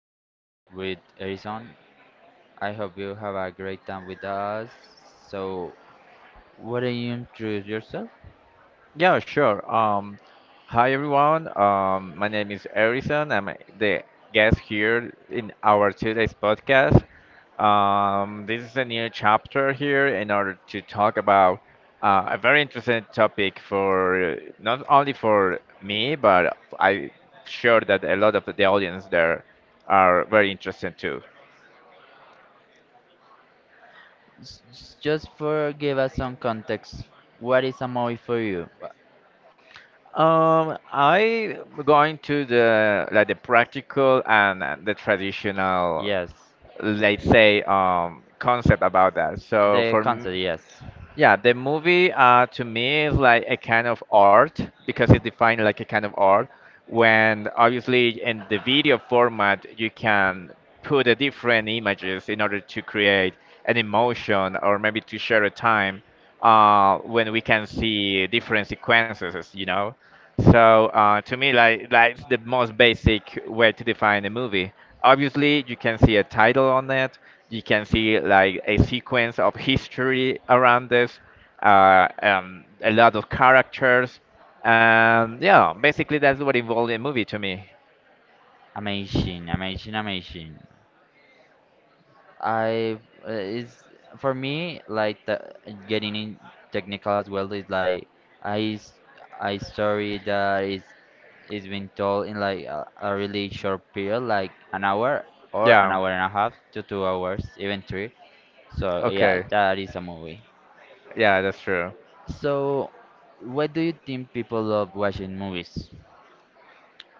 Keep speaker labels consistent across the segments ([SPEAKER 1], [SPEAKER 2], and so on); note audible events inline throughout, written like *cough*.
[SPEAKER 1] general with Erison. I hope you have a great time with us. So, why don't you introduce yourself?
[SPEAKER 2] Yeah, sure. Hi everyone. My name is Harrison. I'm the guest here in our today's podcast. This is a new chapter here in order to talk about a very interesting topic for not only for me, but I'm sure that a lot of the audience there are very interested too.
[SPEAKER 1] Just for give us some context, what is a movie for you?
[SPEAKER 2] I going to the like the practical and the traditional
[SPEAKER 1] Yes,
[SPEAKER 2] let's say concept about that so
[SPEAKER 1] the concept. Yes,
[SPEAKER 2] yeah the movie to me is like a kind of art because it's defined like a kind of art when obviously in the video format you can put a different images in order to create an emotion or maybe to share a time when we can see different sequences you know so to me, like that's the most basic way to define a movie. Obviously, you can see a title on it, you can see like a sequence of history around this, a lot of characters, and yeah, basically that's what involved in movie to me.
[SPEAKER 1] amazing, amazing, amazing. I is For me like getting in technical as well is like I s- I story that is being told in like a really short period like an hour or an
[SPEAKER 2] Yeah.
[SPEAKER 1] hour and a half to 2 hours even three, so yeah,
[SPEAKER 2] Okay.
[SPEAKER 1] that is a movie.
[SPEAKER 2] Yeah, that's true.
[SPEAKER 1] So what do you think people love watching movies?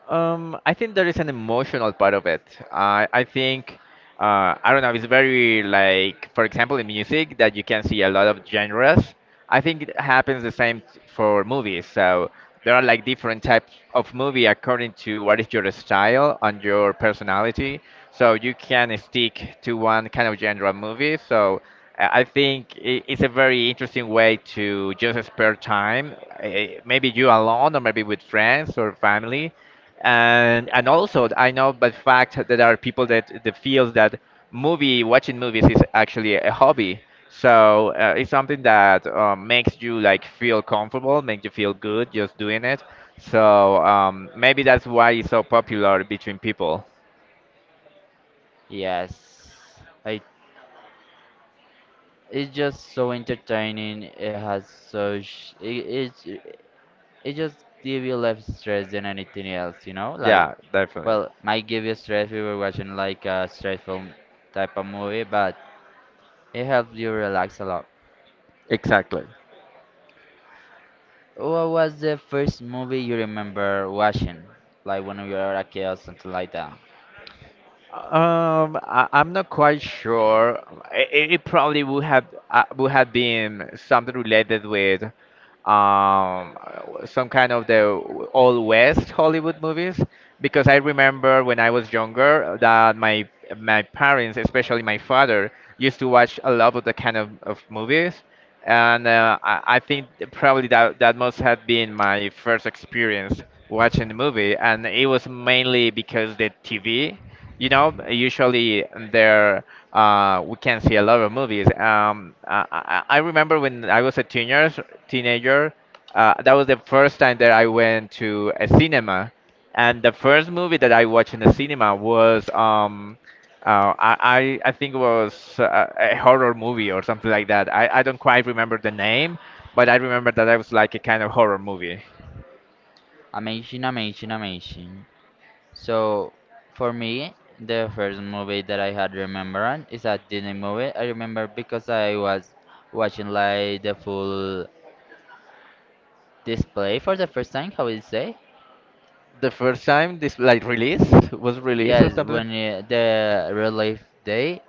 [SPEAKER 2] I think there is an emotional part of it. I think I don't know. It's very like, for example, in music that you can see a lot of genres. I think it happens the for movies. So there are like different types of movie according to what is your style and your personality. So you can stick to one kind of genre of movie. So I think it's a very interesting way to just spare time, maybe you alone or maybe with friends or family and also I know by fact that there are people that feels that movie watching movies is actually a hobby. So it's something that makes you like feel comfortable, makes you feel good just doing it. So maybe that's why it's so popular between people.
[SPEAKER 1] Yes I It's just so entertaining, it has it's it just give you less stress than anything else, you know? Like,
[SPEAKER 2] Yeah, definitely.
[SPEAKER 1] well, might give you stress if you're watching like a stressful type of movie, but it helps you relax a lot.
[SPEAKER 2] Exactly.
[SPEAKER 1] What was the first movie you remember watching? Like when you were a kid or something like that.
[SPEAKER 2] I'm not quite sure. It probably would have been something related with um some kind of the old West Hollywood movies because I remember when I was younger that my parents, especially my father, used to watch a lot of the kind of movies, and I think probably that must have been my first experience watching the movie, and it was mainly because the TV. You know, usually there we can see a lot of movies. I remember when I was a teenager, that was the first time that I went to a cinema, and the first movie that I watched in the cinema was I think it was a horror movie or something like that. I don't quite remember the name, but I remember that it was like a kind of horror movie.
[SPEAKER 1] Amazing, amazing, amazing. So, for me, the first movie that I had remembered is a Disney movie. I remember because I was watching like the full display for the first time, how would you say?
[SPEAKER 2] The first time this like release was released or
[SPEAKER 1] Yes,
[SPEAKER 2] something.
[SPEAKER 1] when the real life day,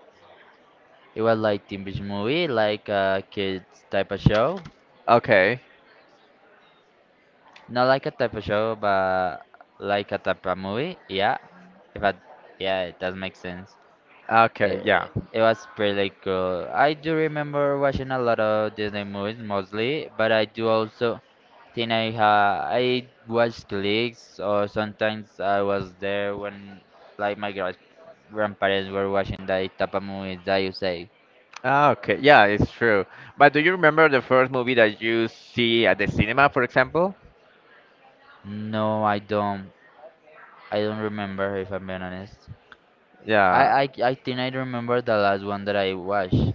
[SPEAKER 1] it was like teen beach movie, like a kids type of show.
[SPEAKER 2] Okay.
[SPEAKER 1] Not like a type of show, but like a type of movie. Yeah, if I, yeah, it does make sense.
[SPEAKER 2] Okay,
[SPEAKER 1] It,
[SPEAKER 2] yeah.
[SPEAKER 1] it was pretty cool. I do remember watching a lot of Disney movies mostly, but I do also think I watched clips or sometimes I was there when like my grandparents were watching that type of movies that you say.
[SPEAKER 2] Ah, okay, yeah, it's true. But do you remember the first movie that you see at the cinema, for example?
[SPEAKER 1] No, I don't. I don't remember if I'm being honest.
[SPEAKER 2] Yeah.
[SPEAKER 1] I think I remember the last one that I watched.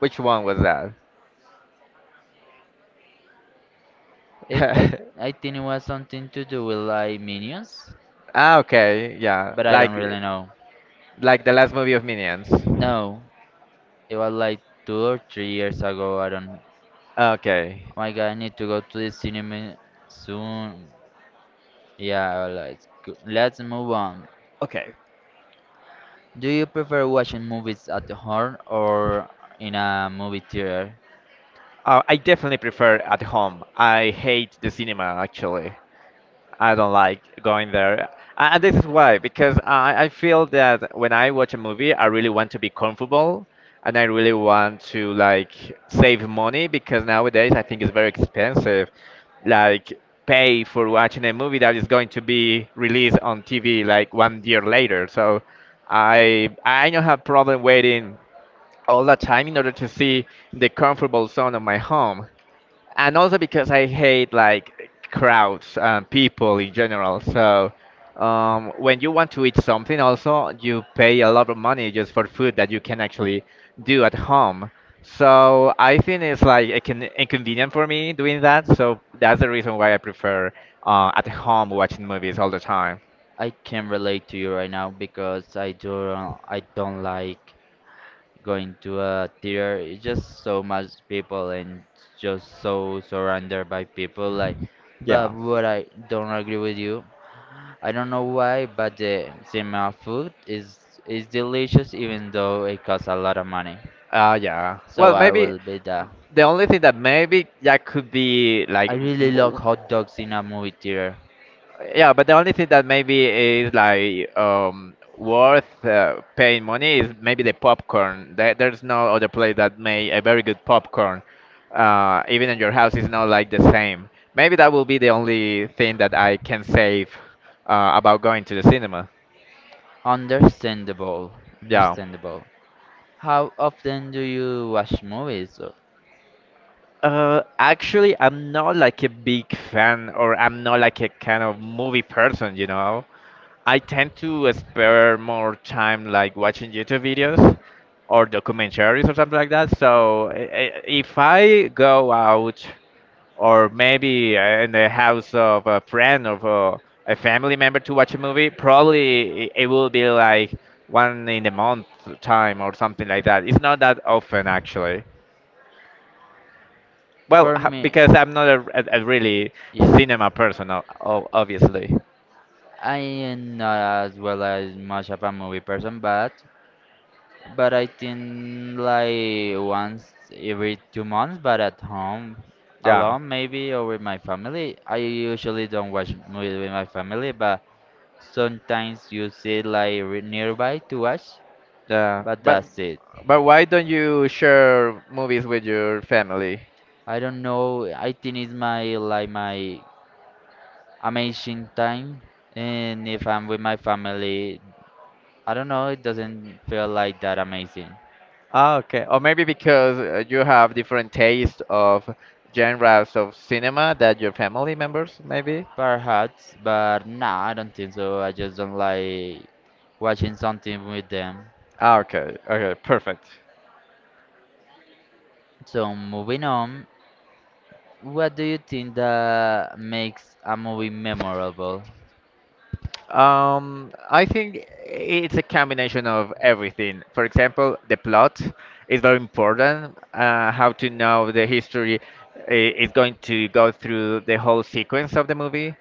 [SPEAKER 2] Which one was that?
[SPEAKER 1] It
[SPEAKER 2] *laughs*
[SPEAKER 1] I think it was something to do with like minions,
[SPEAKER 2] Ah, okay, yeah.
[SPEAKER 1] but I don't really know.
[SPEAKER 2] Like the last movie of Minions.
[SPEAKER 1] No, it was like 2 or 3 years ago. I don't. Oh
[SPEAKER 2] Okay.
[SPEAKER 1] my God, I need to go to the cinema soon. Yeah, like let's move on.
[SPEAKER 2] Okay.
[SPEAKER 1] Do you prefer watching movies at home or in a movie theater?
[SPEAKER 2] I definitely prefer at home. I hate the cinema actually. I don't like going there. And this is why, because I feel that when I watch a movie, I really want to be comfortable and I really want to like save money because nowadays I think it's very expensive. Like pay for watching a movie that is going to be released on TV like 1 year later. So I don't have problem waiting all the time in order to see the comfortable zone of my home and also because I hate like crowds and people in general. So when you want to eat something, also you pay a lot of money just for food that you can actually do at home. So I think it's like inconvenient for me doing that. So that's the reason why I prefer at home watching movies all the time.
[SPEAKER 1] I can relate to you right now because I don't like going to a theater. It's just so much people and just so surrounded by people like, but
[SPEAKER 2] Yeah.
[SPEAKER 1] what I don't agree with you. I don't know why, but the cinema food is delicious even though it costs a lot of money.
[SPEAKER 2] Yeah.
[SPEAKER 1] So
[SPEAKER 2] Well,
[SPEAKER 1] I
[SPEAKER 2] maybe
[SPEAKER 1] will be that.
[SPEAKER 2] the only thing that maybe that could be
[SPEAKER 1] I
[SPEAKER 2] like.
[SPEAKER 1] really love hot dogs in a movie theater.
[SPEAKER 2] Yeah, but the only thing that maybe is like worth paying money is maybe the popcorn. There's no other place that make a very good popcorn. Even in your house, it's not like the same. Maybe that will be the only thing that I can save about going to the cinema.
[SPEAKER 1] Understandable.
[SPEAKER 2] Yeah.
[SPEAKER 1] Understandable. How often do you watch movies?
[SPEAKER 2] Actually, I'm not like a big fan, or I'm not like a kind of movie person, you know. I tend to spare more time like watching YouTube videos or documentaries or something like that. So if I go out or maybe in the house of a friend or a family member to watch a movie, probably it will be like one in a month time or something like that. It's not that often actually. Well,
[SPEAKER 1] For me,
[SPEAKER 2] because I'm not a really
[SPEAKER 1] yes,
[SPEAKER 2] cinema person, obviously.
[SPEAKER 1] I am not as well as much of a movie person, but I think like once every 2 months, but at home
[SPEAKER 2] Yeah.
[SPEAKER 1] alone maybe or with my family. I usually don't watch movies with my family, but sometimes you see like nearby to watch,
[SPEAKER 2] Yeah,
[SPEAKER 1] but
[SPEAKER 2] but
[SPEAKER 1] that's it.
[SPEAKER 2] why don't you share movies with your family?
[SPEAKER 1] I don't know. I think it's my like my amazing time, and if I'm with my family, I don't know, it doesn't feel like that amazing.
[SPEAKER 2] Ah, okay. Or maybe because you have different taste of genres of cinema that your family members maybe.
[SPEAKER 1] Perhaps, but nah, I don't think so. I just don't like watching something with them.
[SPEAKER 2] Ah, okay. Okay, perfect.
[SPEAKER 1] So, moving on, what do you think that makes a movie memorable?
[SPEAKER 2] I think it's a combination of everything. For example, the plot is very important. How to know the history is going to go through the whole sequence of the movie.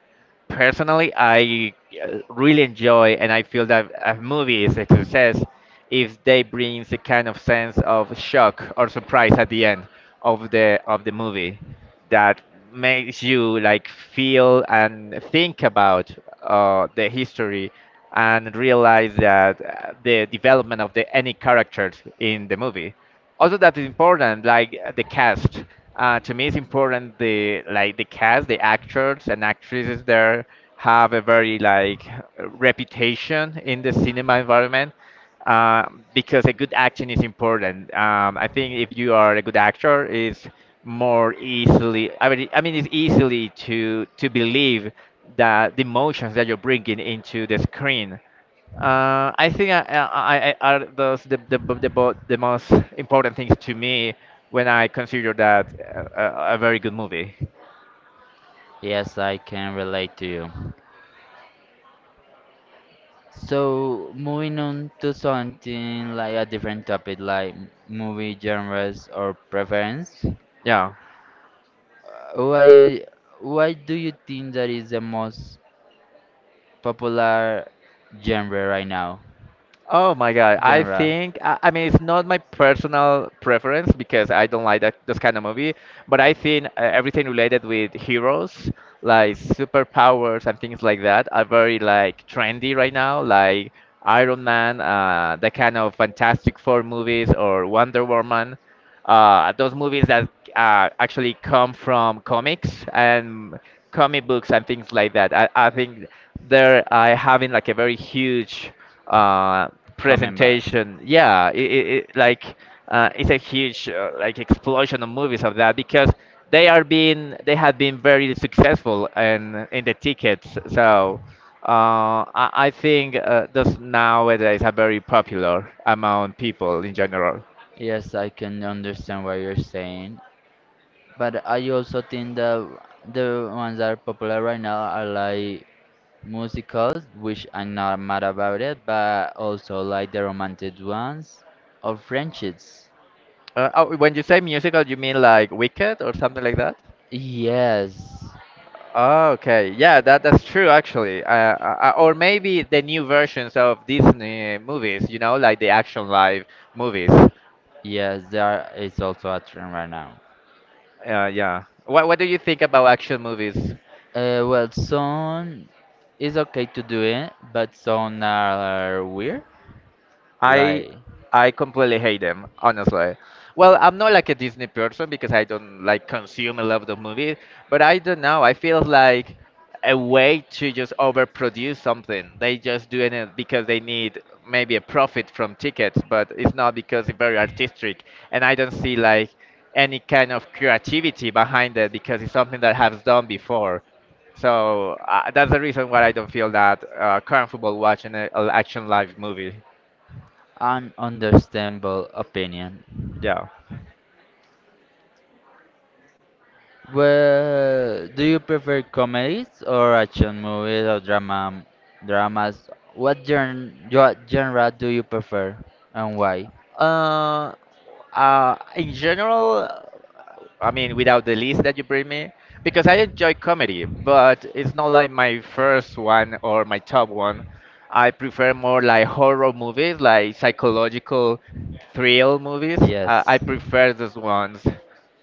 [SPEAKER 2] Personally, I really enjoy and I feel that a movie is a success if they brings a kind of sense of shock or surprise at the end of the movie that makes you like feel and think about the history and realize that the development of the any characters in the movie also that is important like the cast to me it's important the cast the actors and actresses there have a very like reputation in the cinema environment uh, because a good acting is important I think if you are a good actor it's more easily i mean it's easily to believe that the emotions that you're bringing into the screen I think I- are those the the most important things to me when I consider that a very good movie.
[SPEAKER 1] Yes, I can relate to you. So, moving on to something like a different topic, like movie genres or preference.
[SPEAKER 2] Yeah.
[SPEAKER 1] uh, Why, why do you think that is the most popular genre right now?
[SPEAKER 2] Oh my God.
[SPEAKER 1] Genre,
[SPEAKER 2] I mean it's not my personal preference because I don't like that this kind of movie, but I think everything related with heroes, like superpowers and things like that, are very like trendy right now. Like Iron Man, the kind of Fantastic Four movies or Wonder Woman. Those movies that actually come from comics and comic books and things like that. I think they're having like a very huge uh,
[SPEAKER 1] coming back.
[SPEAKER 2] presentation. Yeah, like it's a huge like explosion of movies of that because they are being they have been very successful in the tickets. So. I think those nowadays are very popular among people in general.
[SPEAKER 1] Yes, I can understand what you're saying, but I also think that the ones that are popular right now are like musicals, which I'm not mad about it, but also like the romantic ones or friendships.
[SPEAKER 2] Oh, when you say musical, you mean like Wicked or something like that?
[SPEAKER 1] Yes,
[SPEAKER 2] Oh, okay. Yeah, that that's true actually. Or maybe the new versions of Disney movies, you know, like the action live movies.
[SPEAKER 1] yes, there is also a trend right now.
[SPEAKER 2] Yeah. What do you think about action movies?
[SPEAKER 1] Well, some is okay to do it, but some are weird.
[SPEAKER 2] I
[SPEAKER 1] Like,
[SPEAKER 2] I completely hate them, honestly. Well, I'm not like a Disney person because I don't like consume a lot of movies, but I don't know. I feel like a way to just overproduce something. They just doing it because they need maybe a profit from tickets, but it's not because it's very artistic. And I don't see like any kind of creativity behind it because it's something that has done before. So that's the reason why I don't feel that comfortable watching an action live movie.
[SPEAKER 1] an understandable opinion.
[SPEAKER 2] Yeah.
[SPEAKER 1] Well, do you prefer comedies or action movies or dramas? What genre do you prefer and why?
[SPEAKER 2] Uh, in general, I mean, without the list that you bring me, because I enjoy comedy, but it's not like my first one or my top one. I prefer more like horror movies, like psychological thrill movies. I
[SPEAKER 1] Yes.
[SPEAKER 2] prefer those ones.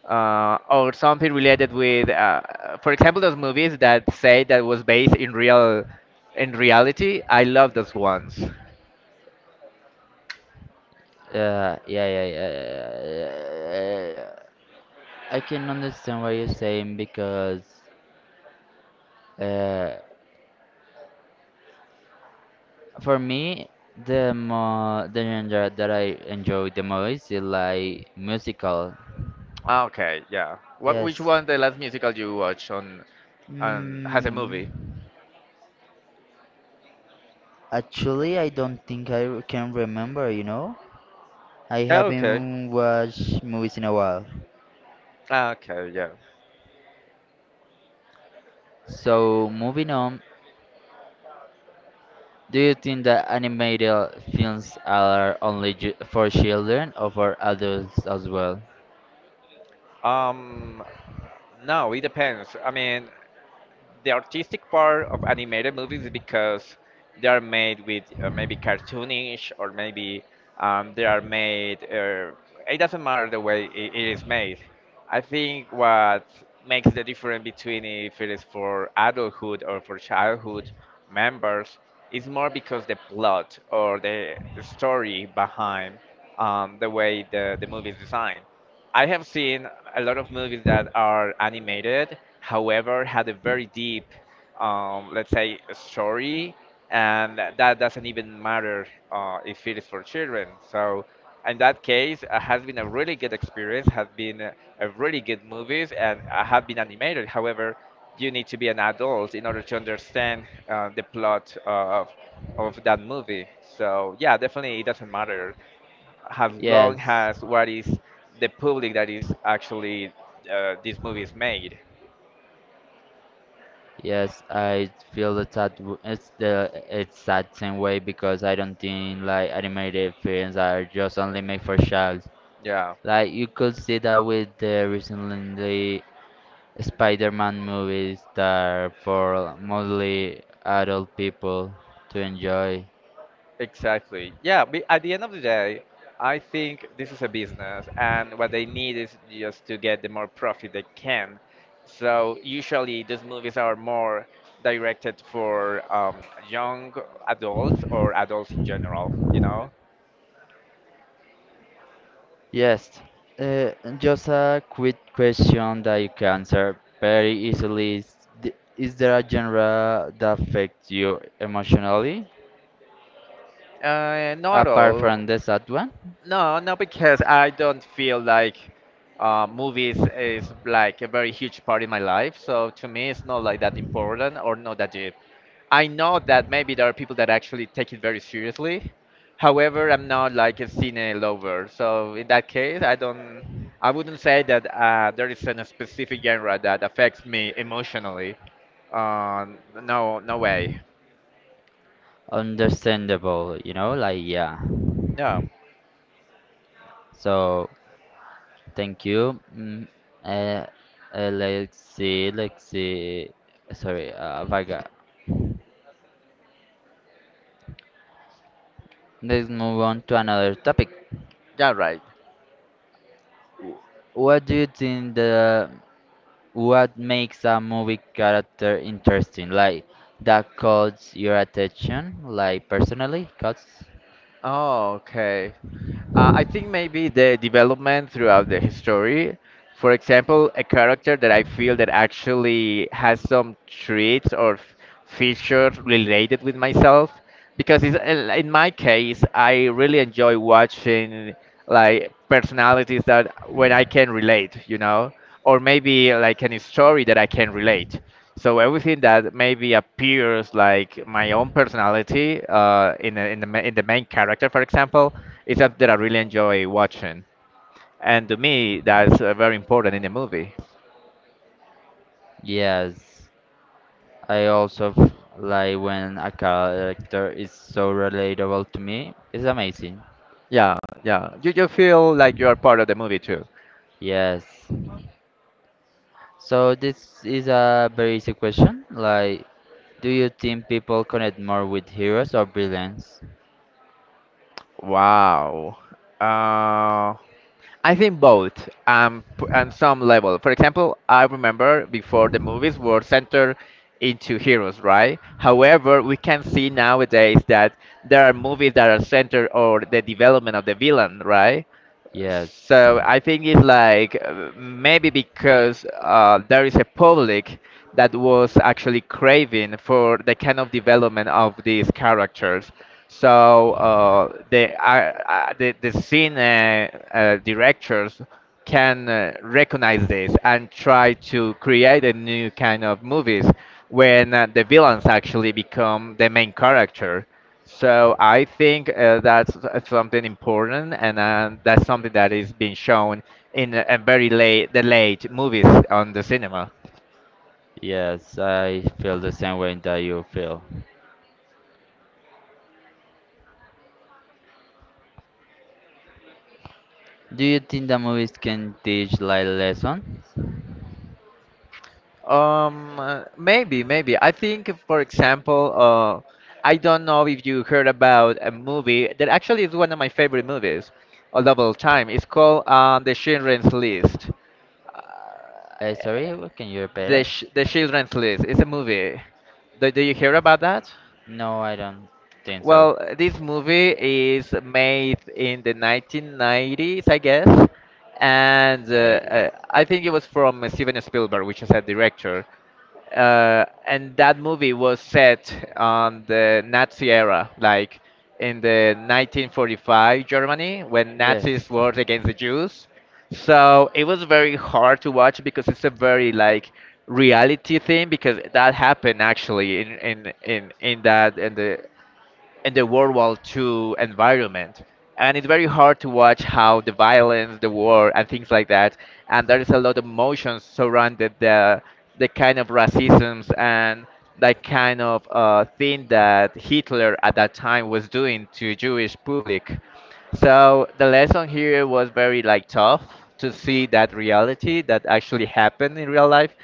[SPEAKER 2] Or something related with, for example, those movies that say that was based in reality. I love those ones.
[SPEAKER 1] Yeah, yeah, yeah, yeah, yeah, yeah, yeah, yeah. I can understand what you're saying because uh, for me, the mo the genre that I enjoy the most is like musical.
[SPEAKER 2] Ah, okay, yeah. What Which
[SPEAKER 1] Yes.
[SPEAKER 2] one the last musical you watch on has a
[SPEAKER 1] Mm.
[SPEAKER 2] movie?
[SPEAKER 1] Actually, I don't think I can remember, you know? I
[SPEAKER 2] Yeah, okay.
[SPEAKER 1] haven't watched movies in a while.
[SPEAKER 2] Ah, okay, yeah.
[SPEAKER 1] So, moving on, do you think that animated films are only for children or for adults as well?
[SPEAKER 2] Um, no, it depends. I mean, the artistic part of animated movies is because they are made with maybe cartoonish or maybe they are made. It doesn't matter the way it is made. I think what makes the difference between if it is for adulthood or for childhood members is more because the plot or the story behind the way the movie is designed. I have seen a lot of movies that are animated, however, had a very deep, let's say, story, and that doesn't even matter if it is for children. So, in that case, it has been a really good experience, has been a really good movies, and have been animated. However, you need to be an adult in order to understand the plot of that movie. So, yeah, definitely it doesn't matter as long
[SPEAKER 1] Yes,
[SPEAKER 2] as what is the public that is actually this movie is made.
[SPEAKER 1] yes, I feel that it's that same way because I don't think like animated films are just only made for child.
[SPEAKER 2] Yeah,
[SPEAKER 1] Like you could see that with the recently Spider-Man movies that are for mostly adult people to enjoy.
[SPEAKER 2] exactly. Yeah, but at the end of the day, I think this is a business, and what they need is just to get the more profit they can. So usually these movies are more directed for young adults or adults in general, you know?
[SPEAKER 1] Yes, uh, just a quick question that you can answer very easily is, is there a genre that affects you emotionally
[SPEAKER 2] Not at
[SPEAKER 1] apart
[SPEAKER 2] all.
[SPEAKER 1] from the sad one?
[SPEAKER 2] No, no, because I don't feel like movies is like a very huge part in my life. So to me, it's not like that important or not that deep. I know that maybe there are people that actually take it very seriously. However, I'm not like a cine lover. So in that case, I wouldn't say that there is a specific genre that affects me emotionally. Uh, no, no way.
[SPEAKER 1] Understandable, you know, like yeah.
[SPEAKER 2] No,
[SPEAKER 1] So thank you. Uh, let's see, let's see. Sorry, I forgot. Let's move on to another topic.
[SPEAKER 2] yeah, right.
[SPEAKER 1] W- What do you think the what makes a movie character interesting? Like that caught your attention, like personally, cause
[SPEAKER 2] Oh, okay. I think maybe the development throughout the history. For example, a character that I feel that actually has some traits or features related with myself, because in my case, I really enjoy watching like personalities that when I can relate, you know, or maybe like any story that I can relate. So everything that maybe appears like my own personality in, the in the in the main character, for example, it's something that I really enjoy watching, and to me, that's very important in the movie.
[SPEAKER 1] yes, I also like when a character is so relatable to me. It's amazing.
[SPEAKER 2] Yeah, yeah. You feel like you are part of the movie too.
[SPEAKER 1] Yes. So this is a very easy question. Like, do you think people connect more with heroes or villains?
[SPEAKER 2] Wow. Uh, I think both, on some level. For example, I remember before the movies were centered into heroes, right? However, we can see nowadays that there are movies that are centered on the development of the villain, right?
[SPEAKER 1] Yes.
[SPEAKER 2] So I think it's like maybe because there is a public that was actually craving for the kind of development of these characters. So the scene directors can recognize this and try to create a new kind of movies when the villains actually become the main character. So I think that's something important, and that's something that is being shown in a very late, the late movies on the cinema.
[SPEAKER 1] Yes, I feel the same way that you feel. Do you think that movies can teach life lessons?
[SPEAKER 2] Maybe, maybe. I think, for example, I don't know if you heard about a movie that actually is one of my favorite movies of all time. It's called The Children's List. Uh,
[SPEAKER 1] Sorry, can you repeat it?
[SPEAKER 2] The Children's List. It's a movie. Do you hear about that?
[SPEAKER 1] No, I don't think so.
[SPEAKER 2] Well, this movie is made in the 1990s, I guess, and
[SPEAKER 1] It is.
[SPEAKER 2] I think it was from Steven Spielberg, which is a director. And that movie was set on the Nazi era, like in the 1945 Germany, when Nazis
[SPEAKER 1] Yes.
[SPEAKER 2] were against the Jews. So it was very hard to watch because it's a very like reality thing because that happened actually in that in the World War Two environment. And it's very hard to watch how the violence, the war, and things like that. And there is a lot of emotions surrounded the kind of racisms and that kind of thing that Hitler at that time was doing to Jewish public. So the lesson here was very like tough to see that reality that actually happened in real life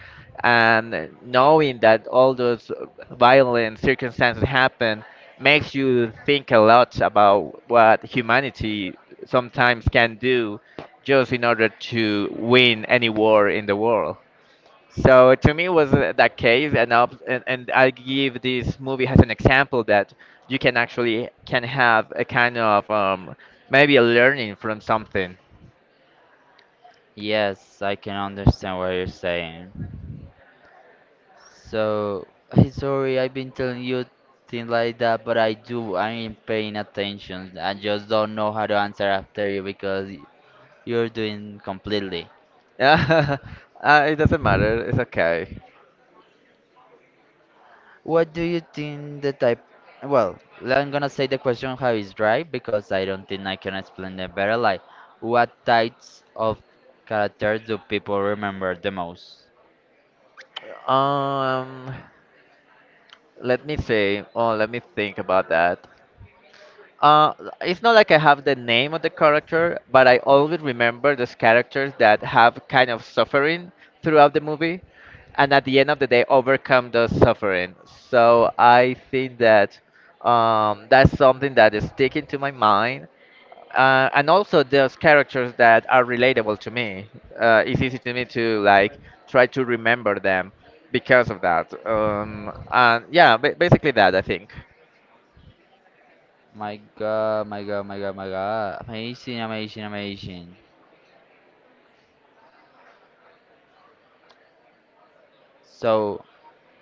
[SPEAKER 2] and knowing that all those violent circumstances happen makes you think a lot about what humanity sometimes can do just in order to win any war in the world. So to me, it was that case, and I give this movie as an example that you can actually can have a kind of maybe a learning from something. *laughs*
[SPEAKER 1] Yes, I can understand what you're saying. So, *laughs* sorry, I've been telling you things like that, but I do, I'm paying attention. I just don't know how to answer after you because you're doing completely.
[SPEAKER 2] Yeah, it doesn't matter. It's okay.
[SPEAKER 1] What do you think the type? Well, I'm gonna say the question how is right because I don't think I can explain it better. Like, what types of characters do people remember the most?
[SPEAKER 2] Um, Let me see. Oh, let me think about that. Uh, it's not like I have the name of the character, but I always remember those characters that have kind of suffering throughout the movie, and at the end of the day, overcome those suffering. So I think that that's something that is sticking to my mind, and also those characters that are relatable to me. It's easy to me to like try to remember them because of that. And yeah, basically that I think.
[SPEAKER 1] My God, my God, my God, my God! Amazing, amazing, amazing. So,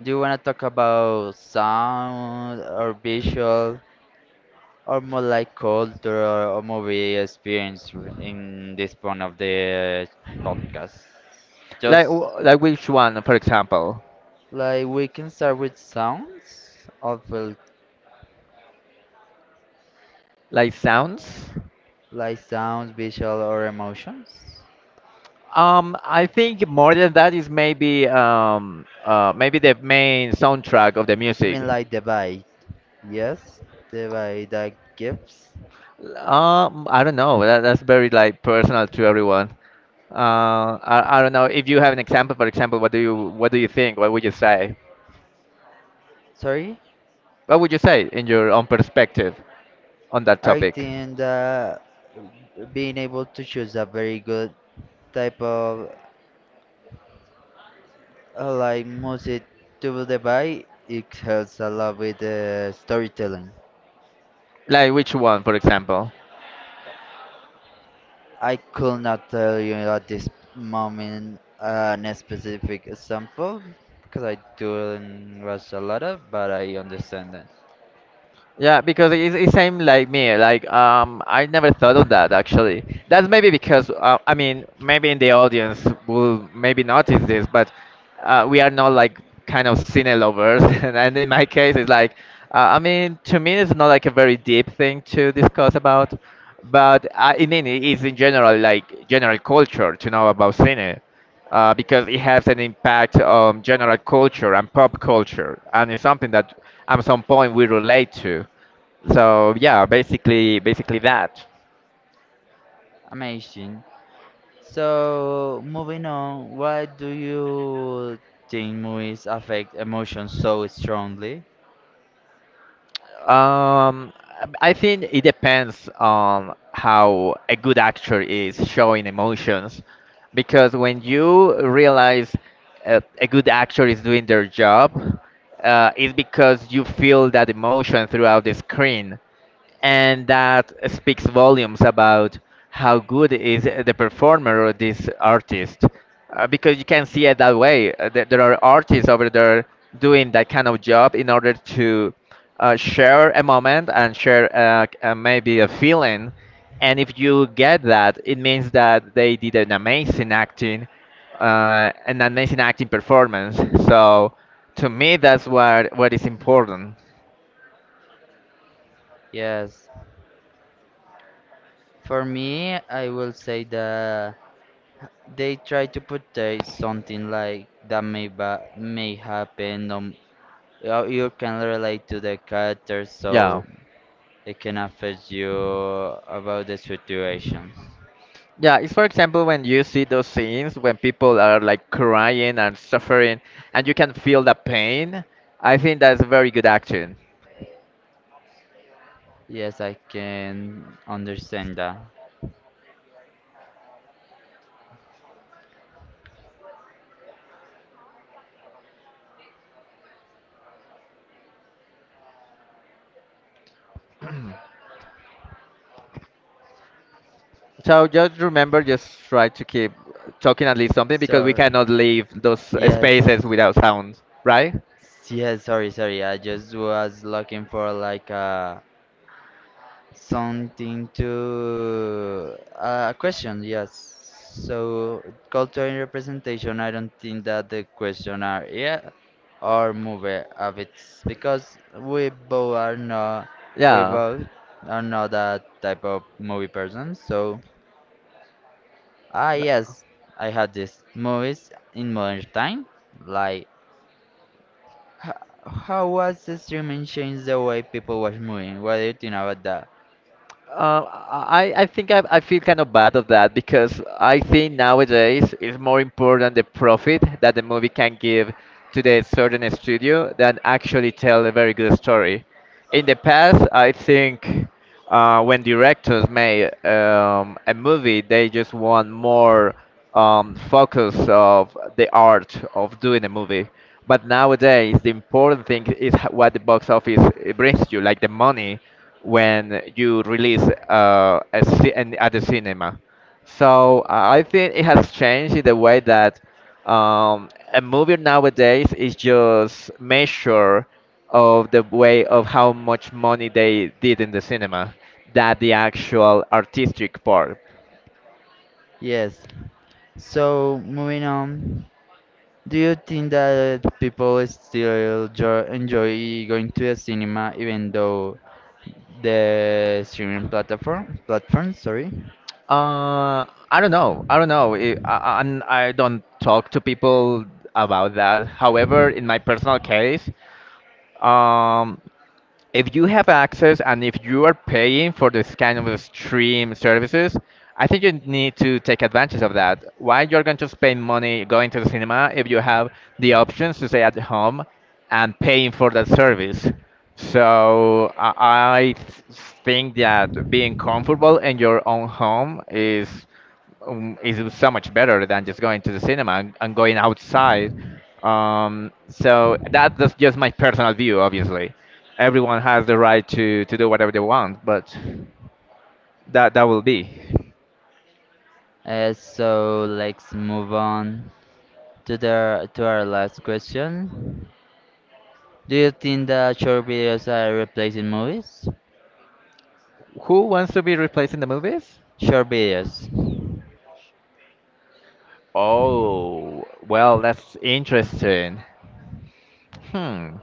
[SPEAKER 1] do you wanna talk about sound or visual or more like culture or movie experience in this point of the podcast?
[SPEAKER 2] Like,
[SPEAKER 1] Just
[SPEAKER 2] like which one, for example?
[SPEAKER 1] Like we can start with sounds of
[SPEAKER 2] Like sounds?
[SPEAKER 1] like sounds, visual or emotions.
[SPEAKER 2] I think more than that is maybe maybe the main soundtrack of the
[SPEAKER 1] I mean
[SPEAKER 2] music.
[SPEAKER 1] like the vibe. Yes, the vibe that gives.
[SPEAKER 2] I don't know. That's very like personal to everyone. I don't know if you have an example. For example, what do you think? What would you say?
[SPEAKER 1] Sorry,
[SPEAKER 2] What would you say in your own perspective on that
[SPEAKER 1] I
[SPEAKER 2] topic?
[SPEAKER 1] think that being able to choose a very good type of like music to the vibe, it helps a lot with the storytelling.
[SPEAKER 2] Like which one, for example?
[SPEAKER 1] I could not tell you at this moment a specific example because I don't watch a lot of, but I understand that.
[SPEAKER 2] Yeah, because it's same like me. Like I never thought of that actually. That's maybe because I mean, maybe in the audience will maybe notice this, but we are not like kind of cine lovers. *laughs* And in my case, it's like I mean, to me, it's not like a very deep thing to discuss about, I mean, it's in general like general culture to know about cine because it has an impact on general culture and pop culture, and it's something that at some point we relate to. So yeah, basically, basically that.
[SPEAKER 1] Amazing. So moving on, why do you think movies affect emotions so strongly?
[SPEAKER 2] Um, I think it depends on how a good actor is showing emotions, because when you realize a good actor is doing their job, it's because you feel that emotion throughout the screen. And that speaks volumes about how good is the performer or this artist because you can see it that way that there are artists over there doing that kind of job in order to share a moment and share maybe a feeling. And if you get that, it means that they did an amazing acting performance. So to me, that's what is important.
[SPEAKER 1] Yes, for me, I will say that they try to portray something like that may happen. You you can relate to the character,
[SPEAKER 2] Yeah,
[SPEAKER 1] so it can affect you about the situation.
[SPEAKER 2] Yeah, it's for example when you see those scenes when people are like crying and suffering and you can feel the pain. I think that's a very good action.
[SPEAKER 1] Yes, I can understand that.
[SPEAKER 2] So just remember, just try to keep talking at least something because we
[SPEAKER 1] So,
[SPEAKER 2] cannot leave those
[SPEAKER 1] yes,
[SPEAKER 2] spaces without sounds, right?
[SPEAKER 1] yes, sorry, sorry. I just was looking for like a something to a question. Yes. So, culture and representation. I don't think that the question are yeah or movie of it's because we
[SPEAKER 2] Yeah.
[SPEAKER 1] both are not that type of movie person. So. Ah, yes, I had these movies in modern time. Like, h- how was the streaming changed the way people watch movies? What do you think about that?
[SPEAKER 2] Uh, I think I feel kind of bad of that because I think nowadays it's more important the profit that the movie can give to the certain studio than actually tell a very good story. In the past, I think when directors made a movie, they just want more focus of the art of doing a movie. But nowadays, the important thing is what the box office brings you, like the money when you release at the cinema. So I think it has changed in the way that a movie nowadays is just measure of the way of how much money they did in the cinema, that the actual artistic part.
[SPEAKER 1] Yes. So, moving on, do you think that people still enjoy going to the cinema even though the streaming platform? Sorry,
[SPEAKER 2] Uh, I don't know. I don't know. I don't talk to people about that. However, in my personal case, um, if you have access and if you are paying for this kind of stream services, I think you need to take advantage of that. Why you're going to spend money going to the cinema if you have the options to stay at home and paying for that service? So I th- think that being comfortable in your own home is so much better than just going to the cinema and going outside. So that's just my personal view, obviously. Everyone has the right to do whatever they want, but that will be.
[SPEAKER 1] so let's move on to the to our last question. Do you think that short videos are replacing movies?
[SPEAKER 2] Who wants to be replaced in the movies?
[SPEAKER 1] Short videos.
[SPEAKER 2] Oh, well, that's interesting. Hmm.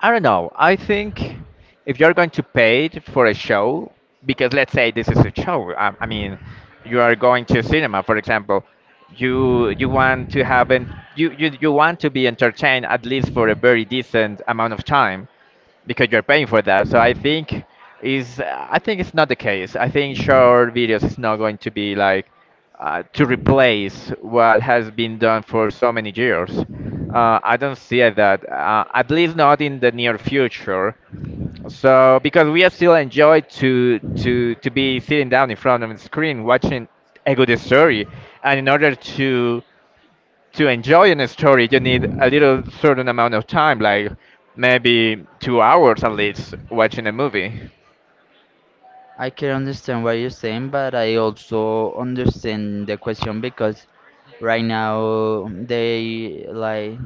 [SPEAKER 2] I don't know. I think if you're going to pay it for a show, because let's say this is a show. I mean, you are going to cinema, for example. You want to have an, you want to be entertained at least for a very decent amount of time because you're paying for that. So I think is I think it's not the case. I think short videos is not going to be like to replace what has been done for so many years. I don't see it that at least not in the near future. So because we are still enjoy to be sitting down in front of the screen watching a good story, and in order to enjoy a story, you need a little certain amount of time, like maybe 2 hours at least, watching a movie.
[SPEAKER 1] I can understand what you're saying, but I also understand the question because right now they like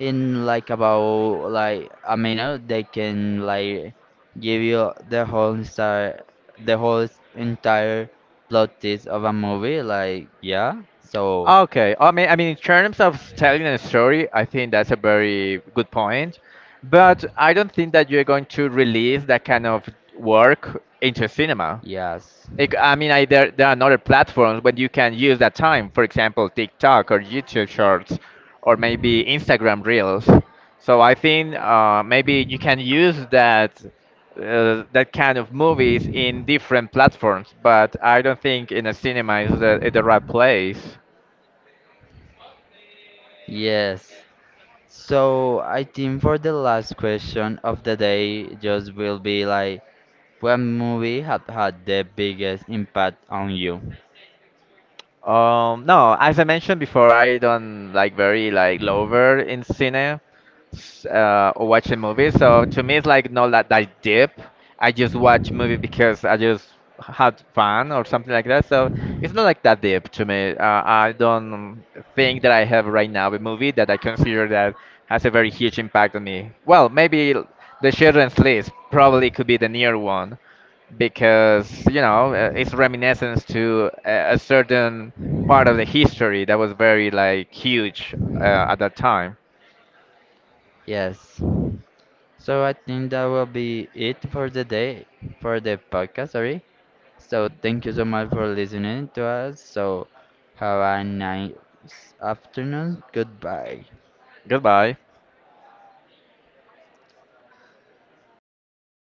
[SPEAKER 1] in like about like a minute they can like give you the whole entire plot twist of a movie. Like yeah, so
[SPEAKER 2] Okay, I mean, in terms of telling a story, I think that's a very good point, but I don't think that you're going to release that kind of work into cinema.
[SPEAKER 1] yes,
[SPEAKER 2] Like, I mean, there are other platforms when you can use that time. For example, TikTok or YouTube Shorts, or maybe Instagram Reels. So I think maybe you can use that that kind of movies in different platforms. But I don't think in a cinema is is the right place.
[SPEAKER 1] yes. So I think for the last question of the day, just will be like, what movie had the biggest impact on you?
[SPEAKER 2] No, as I mentioned before, I don't like very like lover in cinema. Or watching movies. So to me, it's like not that, that deep. I just watch movie because I just had fun or something like that. So it's not like that deep to me. I don't think that I have right now a movie that I consider that has a very huge impact on me. Well, The Children's List probably could be the near one because you know it's reminiscence to a certain part of the history that was very like huge uh, at that time.
[SPEAKER 1] Yes. So I think that will be it for the day, for the podcast, sorry. So thank you so much for listening to us. So have a nice afternoon. Goodbye.
[SPEAKER 2] Goodbye.